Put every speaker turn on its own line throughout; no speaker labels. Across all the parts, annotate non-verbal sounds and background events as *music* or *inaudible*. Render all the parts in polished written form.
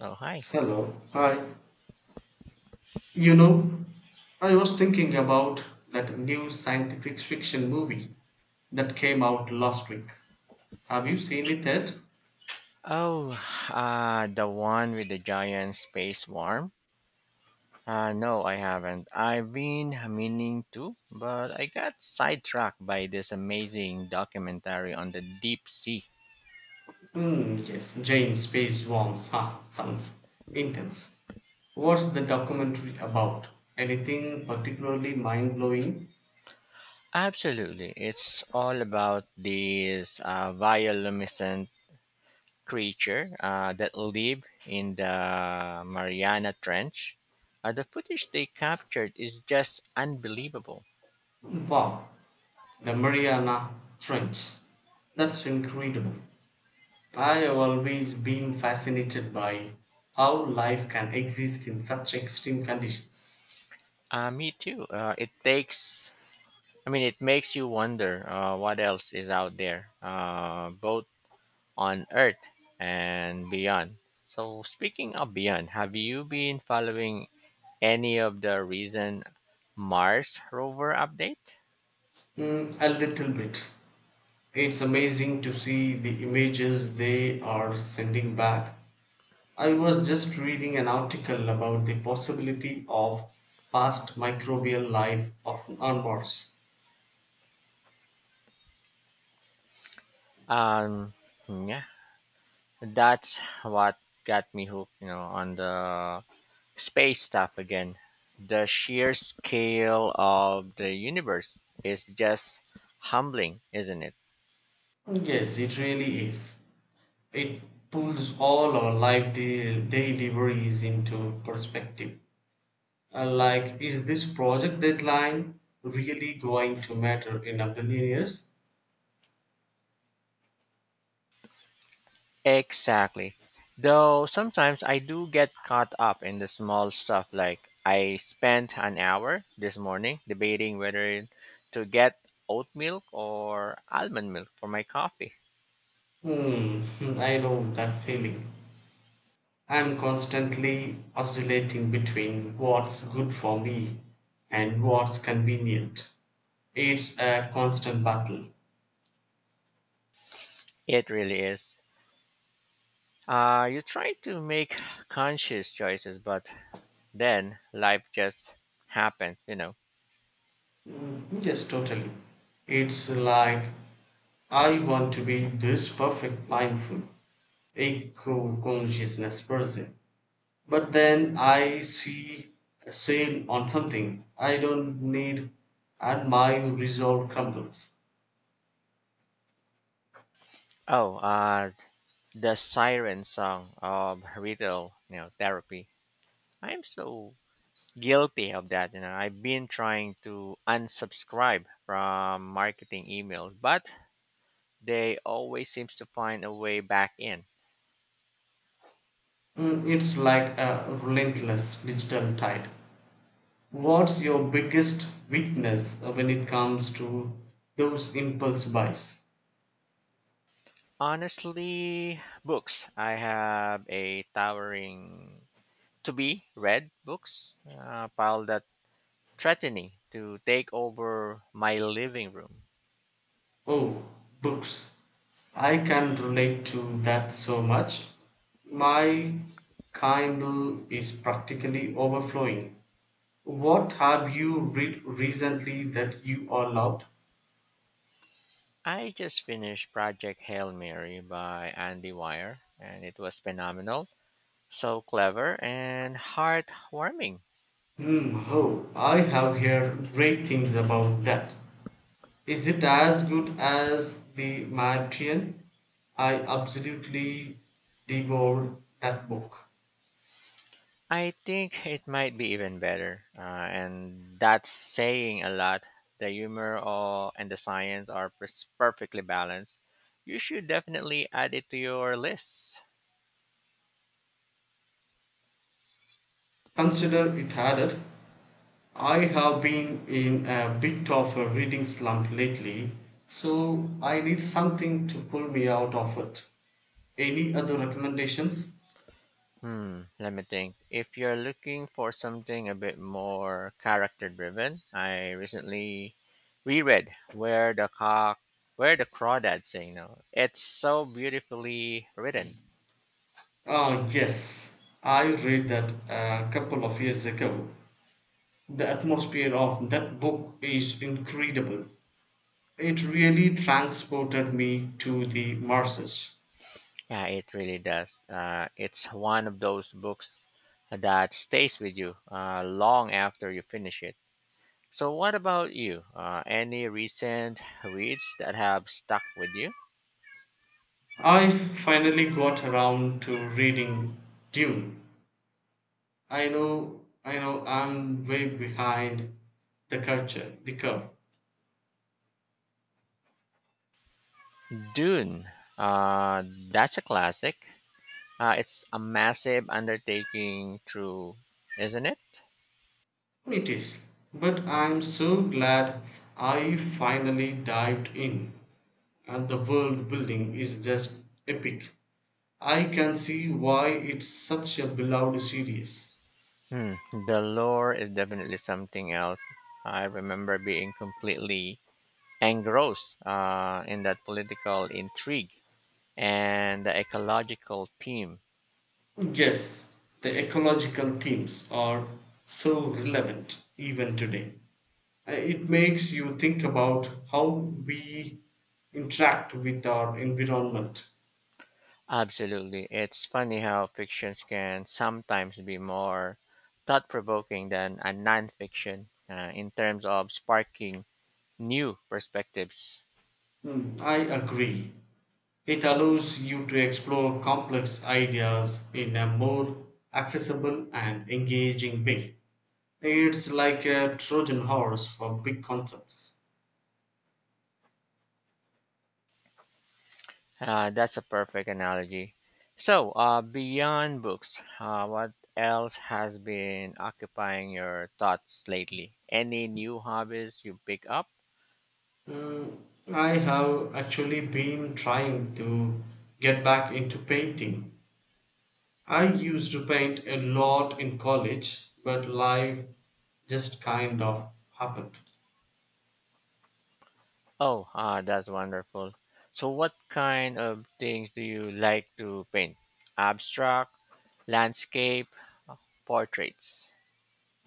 Oh, hi.
Hello. Hi. You know, I was thinking about that new scientific fiction movie that came out last week. Have you seen it yet?
Oh, the one with the giant space worm? No, I haven't. I've been meaning to, but I got sidetracked by this amazing documentary on the deep sea.
Hmm, yes, Jane Space Worms. Huh, sounds intense. What's the documentary about? Anything particularly mind blowing?
Absolutely. It's all about this bioluminescent creature that live in the Mariana Trench. The footage they captured is just unbelievable.
Wow, the Mariana Trench. That's incredible. I have always been fascinated by how life can exist in such extreme conditions.
Me too. It takes I mean, it makes you wonder what else is out there, both on Earth and beyond. So, speaking of beyond, have you been following any of the recent Mars rover update?
A little bit. It's amazing to see the images they are sending back. I was just reading an article about the possibility of past microbial life of on Mars.
Um, yeah, that's what got me hooked, on the space stuff again. The sheer scale of the universe is just humbling, isn't it?
Yes, it really is. It pulls all our life daily worries into perspective. Like, is this project deadline really going to matter in a billion years?
Exactly. Though sometimes I do get caught up in the small stuff like I spent an hour this morning debating whether to get oat milk or almond milk for my coffee.
Hmm, hmm, I know that feeling. I'm constantly oscillating between what's good for me and what's convenient. It's a constant battle.
It really is. You try to make conscious choices, but then life just happens.
Yes, totally. It's like I want to be this perfect, mindful, eco consciousness person, but then I see a sale on something I don't need, and my resolve crumbles.
Oh, uh, the siren song of retail therapy. I'm so guilty of that. I've been trying to unsubscribe from marketing emails, but they always seems to find a way back in.
It's like a relentless digital tide. What's your biggest weakness when it comes to those impulse buys?
Honestly, books. I have a towering to be read books pile that threatening to take over my living room.
Oh, books. I can relate to that so much. My Kindle is practically overflowing. What have you read recently that you all loved?
I just finished Project Hail Mary by Andy Weir, and it was phenomenal, so clever and heartwarming.
Hmm, oh, I have heard great things about that. Is it as good as The Martian? I absolutely devoured that book.
I think *laughs* it might be even better, and that's saying a lot. The and the science are perfectly balanced. You should definitely add it to your list.
Consider it added. I have been in a bit of a reading slump lately, so I need something to pull me out of it. Any other recommendations?
Hmm, let me think. If you're looking for something a bit more character driven, I recently reread Where the Crawdads Sing now. It's so beautifully written.
Ah, yes, I read that a couple of years ago. The atmosphere of that book is incredible. It really transported me to the Marses.
Yeah, it really does. It's one of those books that stays with you long after you finish it. So, what about you? Any recent reads that have stuck with you?
I finally got around to reading Dune. I know, I'm way behind the culture, the curve.
Dune. Uh, that's a classic. It's a massive undertaking, through, isn't it?
It is, but I'm so glad I finally dived in, and the world building is just epic. I can see why it's such a beloved series.
Hmm. The lore is definitely something else. I remember being completely engrossed in that political intrigue and the ecological theme.
Yes, the ecological themes are so relevant even today. It makes you think about how we interact with our environment.
Absolutely. It's funny how fictions can sometimes be more thought provoking than a nonfiction in terms of sparking new perspectives.
I agree. It allows you to explore complex ideas in a more accessible and engaging way. It's like a Trojan horse for big concepts.
That's a perfect analogy. So, beyond books, what else has been occupying your thoughts lately? Any new hobbies you pick up?
Mm, I have actually been trying to get back into painting. I used to paint a lot in college, but life just kind of happened.
Oh, ah, that's wonderful. So, what kind of things do you like to paint? Abstract, landscape, portraits?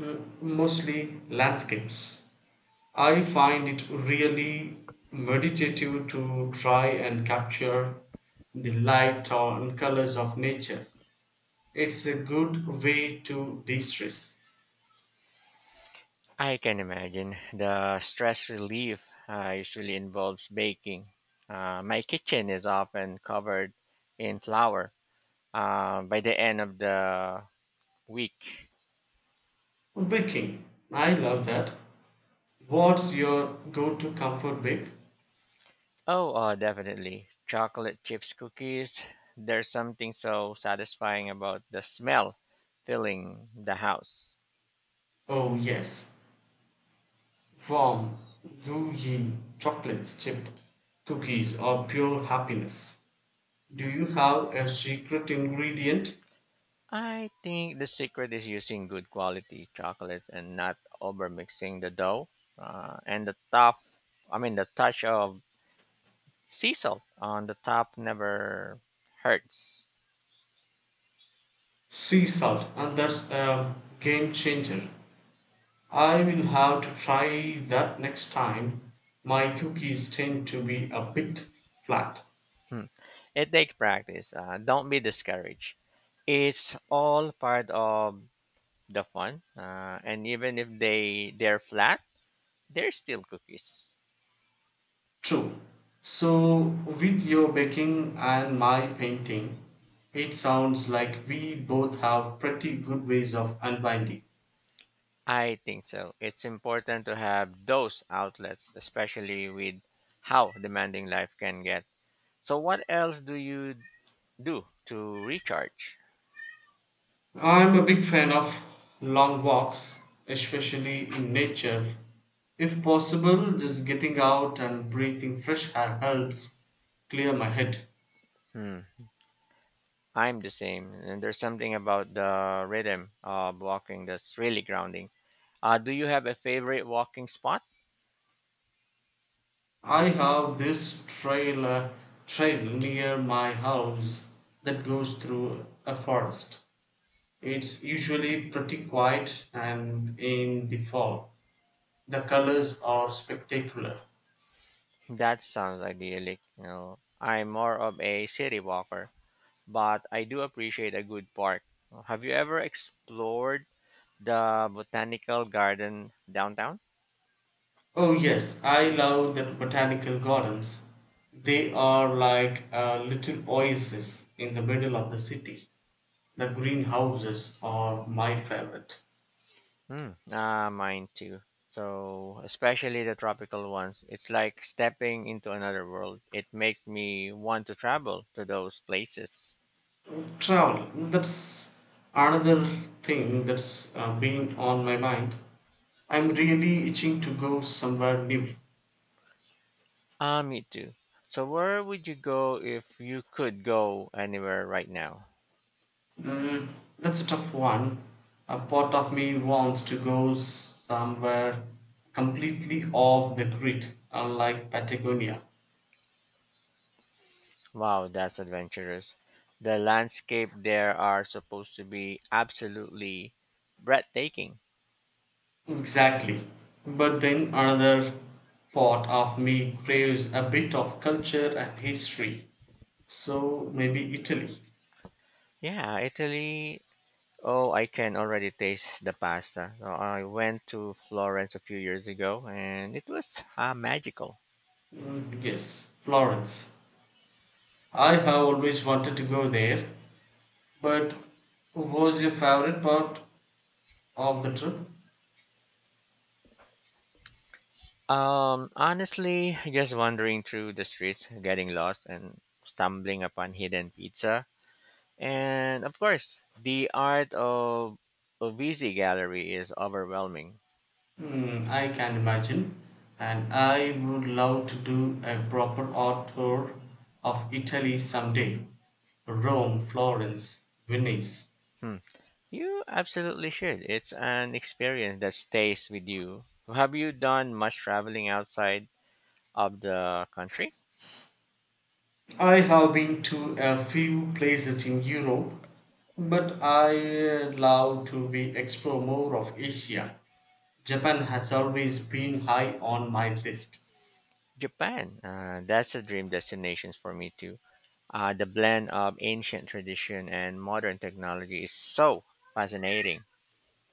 Mostly landscapes. I find it really meditative to try and capture the light and colors of nature. It's a good way to de stress.
I can imagine the stress relief usually involves baking. My kitchen is often covered in flour by the end of the week.
Baking, I love that. What's your go to comfort bake?
Oh, Definitely. Chocolate chips cookies. There's something so satisfying about the smell filling the house.
Oh, yes, warm, gooey chocolates, chip cookies are pure happiness. Do you have a secret ingredient?
I think the secret is using good quality chocolate and not over mixing the dough. Uh, and the top, I mean, the touch of sea salt on the top never hurts.
Sea salt, and that's a game changer. I will have to try that next time. My cookies tend to be a bit flat.
Hmm. It takes practice. Don't be discouraged. It's all part of the fun. And even if they're flat, they're still cookies.
True. So, with your baking and my painting, it sounds like we both have pretty good ways of unwinding.
I think so. It's important to have those outlets, especially with how demanding life can get. So what else do you do to recharge?
I'm a big fan of long walks, especially in nature. If possible, just getting out and breathing fresh air helps clear my head.
Hmm. I'm the same, and there's something about the rhythm of walking that's really grounding. Do you have a favorite walking spot?
I have this trail near my house that goes through a forest. It's usually pretty quiet and in the fall. The colors are spectacular.
That sounds idyllic. You know, I'm more of a city walker, but I do appreciate a good park. Have you ever explored the botanical garden downtown?
Oh, yes, I love the botanical gardens. They are like a little oasis in the middle of the city. The greenhouses are my favorite.
Mm, ah, mine too. So, especially the tropical ones, it's like stepping into another world. It makes me want to travel to those places.
Travel, that's another thing that's been on my mind. I'm really itching to go somewhere new.
Ah, me too. So, where would you go if you could go anywhere right now?
Mm, that's a tough one. A part of me wants to go somewhere completely off the grid, unlike Patagonia.
Wow, that's adventurous. The landscape there are supposed to be absolutely breathtaking.
Exactly. But then another part of me craves a bit of culture and history. So maybe Italy.
Yeah, Italy. Oh, I can already taste the pasta. I went to Florence a few years ago and it was magical.
Mm, yes, Florence. I have always wanted to go there. But what was your favorite part of the trip?
Honestly, just wandering through the streets, getting lost, and stumbling upon hidden pizza. And of course, the art of Uvisi Gallery is overwhelming.
I can imagine, and I would love to do a proper art tour of Italy someday. Rome, Florence, Venice.
Hmm. You absolutely should. It's an experience that stays with you. Have you done much traveling outside of the country?
I have been to a few places in Europe, but I love to be explore more of Asia. Japan has always been high on my list.
Japan. That's a dream destination for me too. The blend of ancient tradition and modern technology is so fascinating.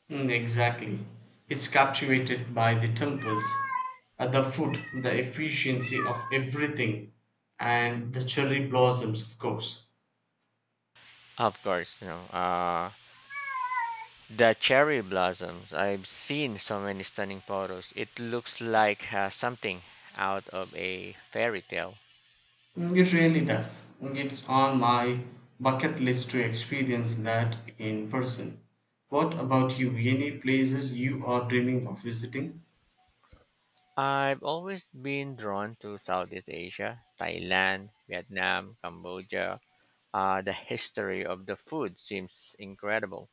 Mm, exactly. It's captivated by the temples, the food, the efficiency of everything, and the cherry blossoms, of course.
Of course. The cherry blossoms. I've seen so many stunning photos. It looks like something out of a fairy tale.
It really does. It's on my bucket list to experience that in person. What about you? Any places you are dreaming of visiting?
I've always been drawn to Southeast Asia, Thailand, Vietnam, Cambodia. The history of the food seems incredible.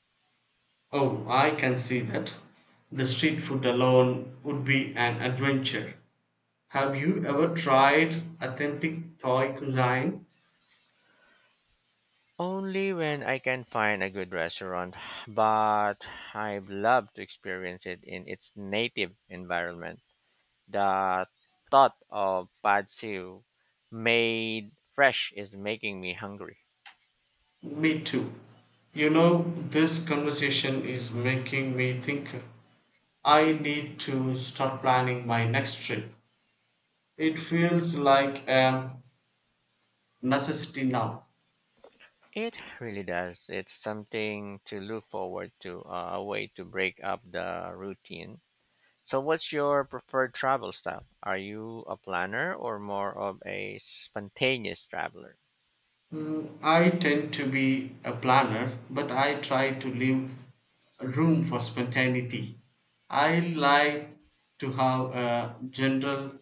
Oh, I can see that. The street food alone would be an adventure. Have you ever tried authentic Thai cuisine?
Only when I can find a good restaurant, but I'd love to experience it in its native environment. The thought of pad siu made fresh is making me hungry.
Me too. You know, this conversation is making me think I need to start planning my next trip. It feels like a necessity now.
It really does. It's something to look forward to, a way to break up the routine. So, what's your preferred travel style? Are you a planner or more of a spontaneous traveler?
I tend to be a planner, but I try to leave room for spontaneity. I like to have a general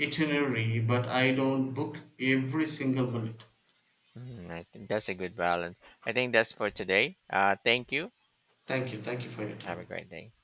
itinerary, but I don't book every single minute.
Mm, I think that's a good balance. I think that's for today. Thank you.
Thank you. Thank you for your
Have a
time.
great day.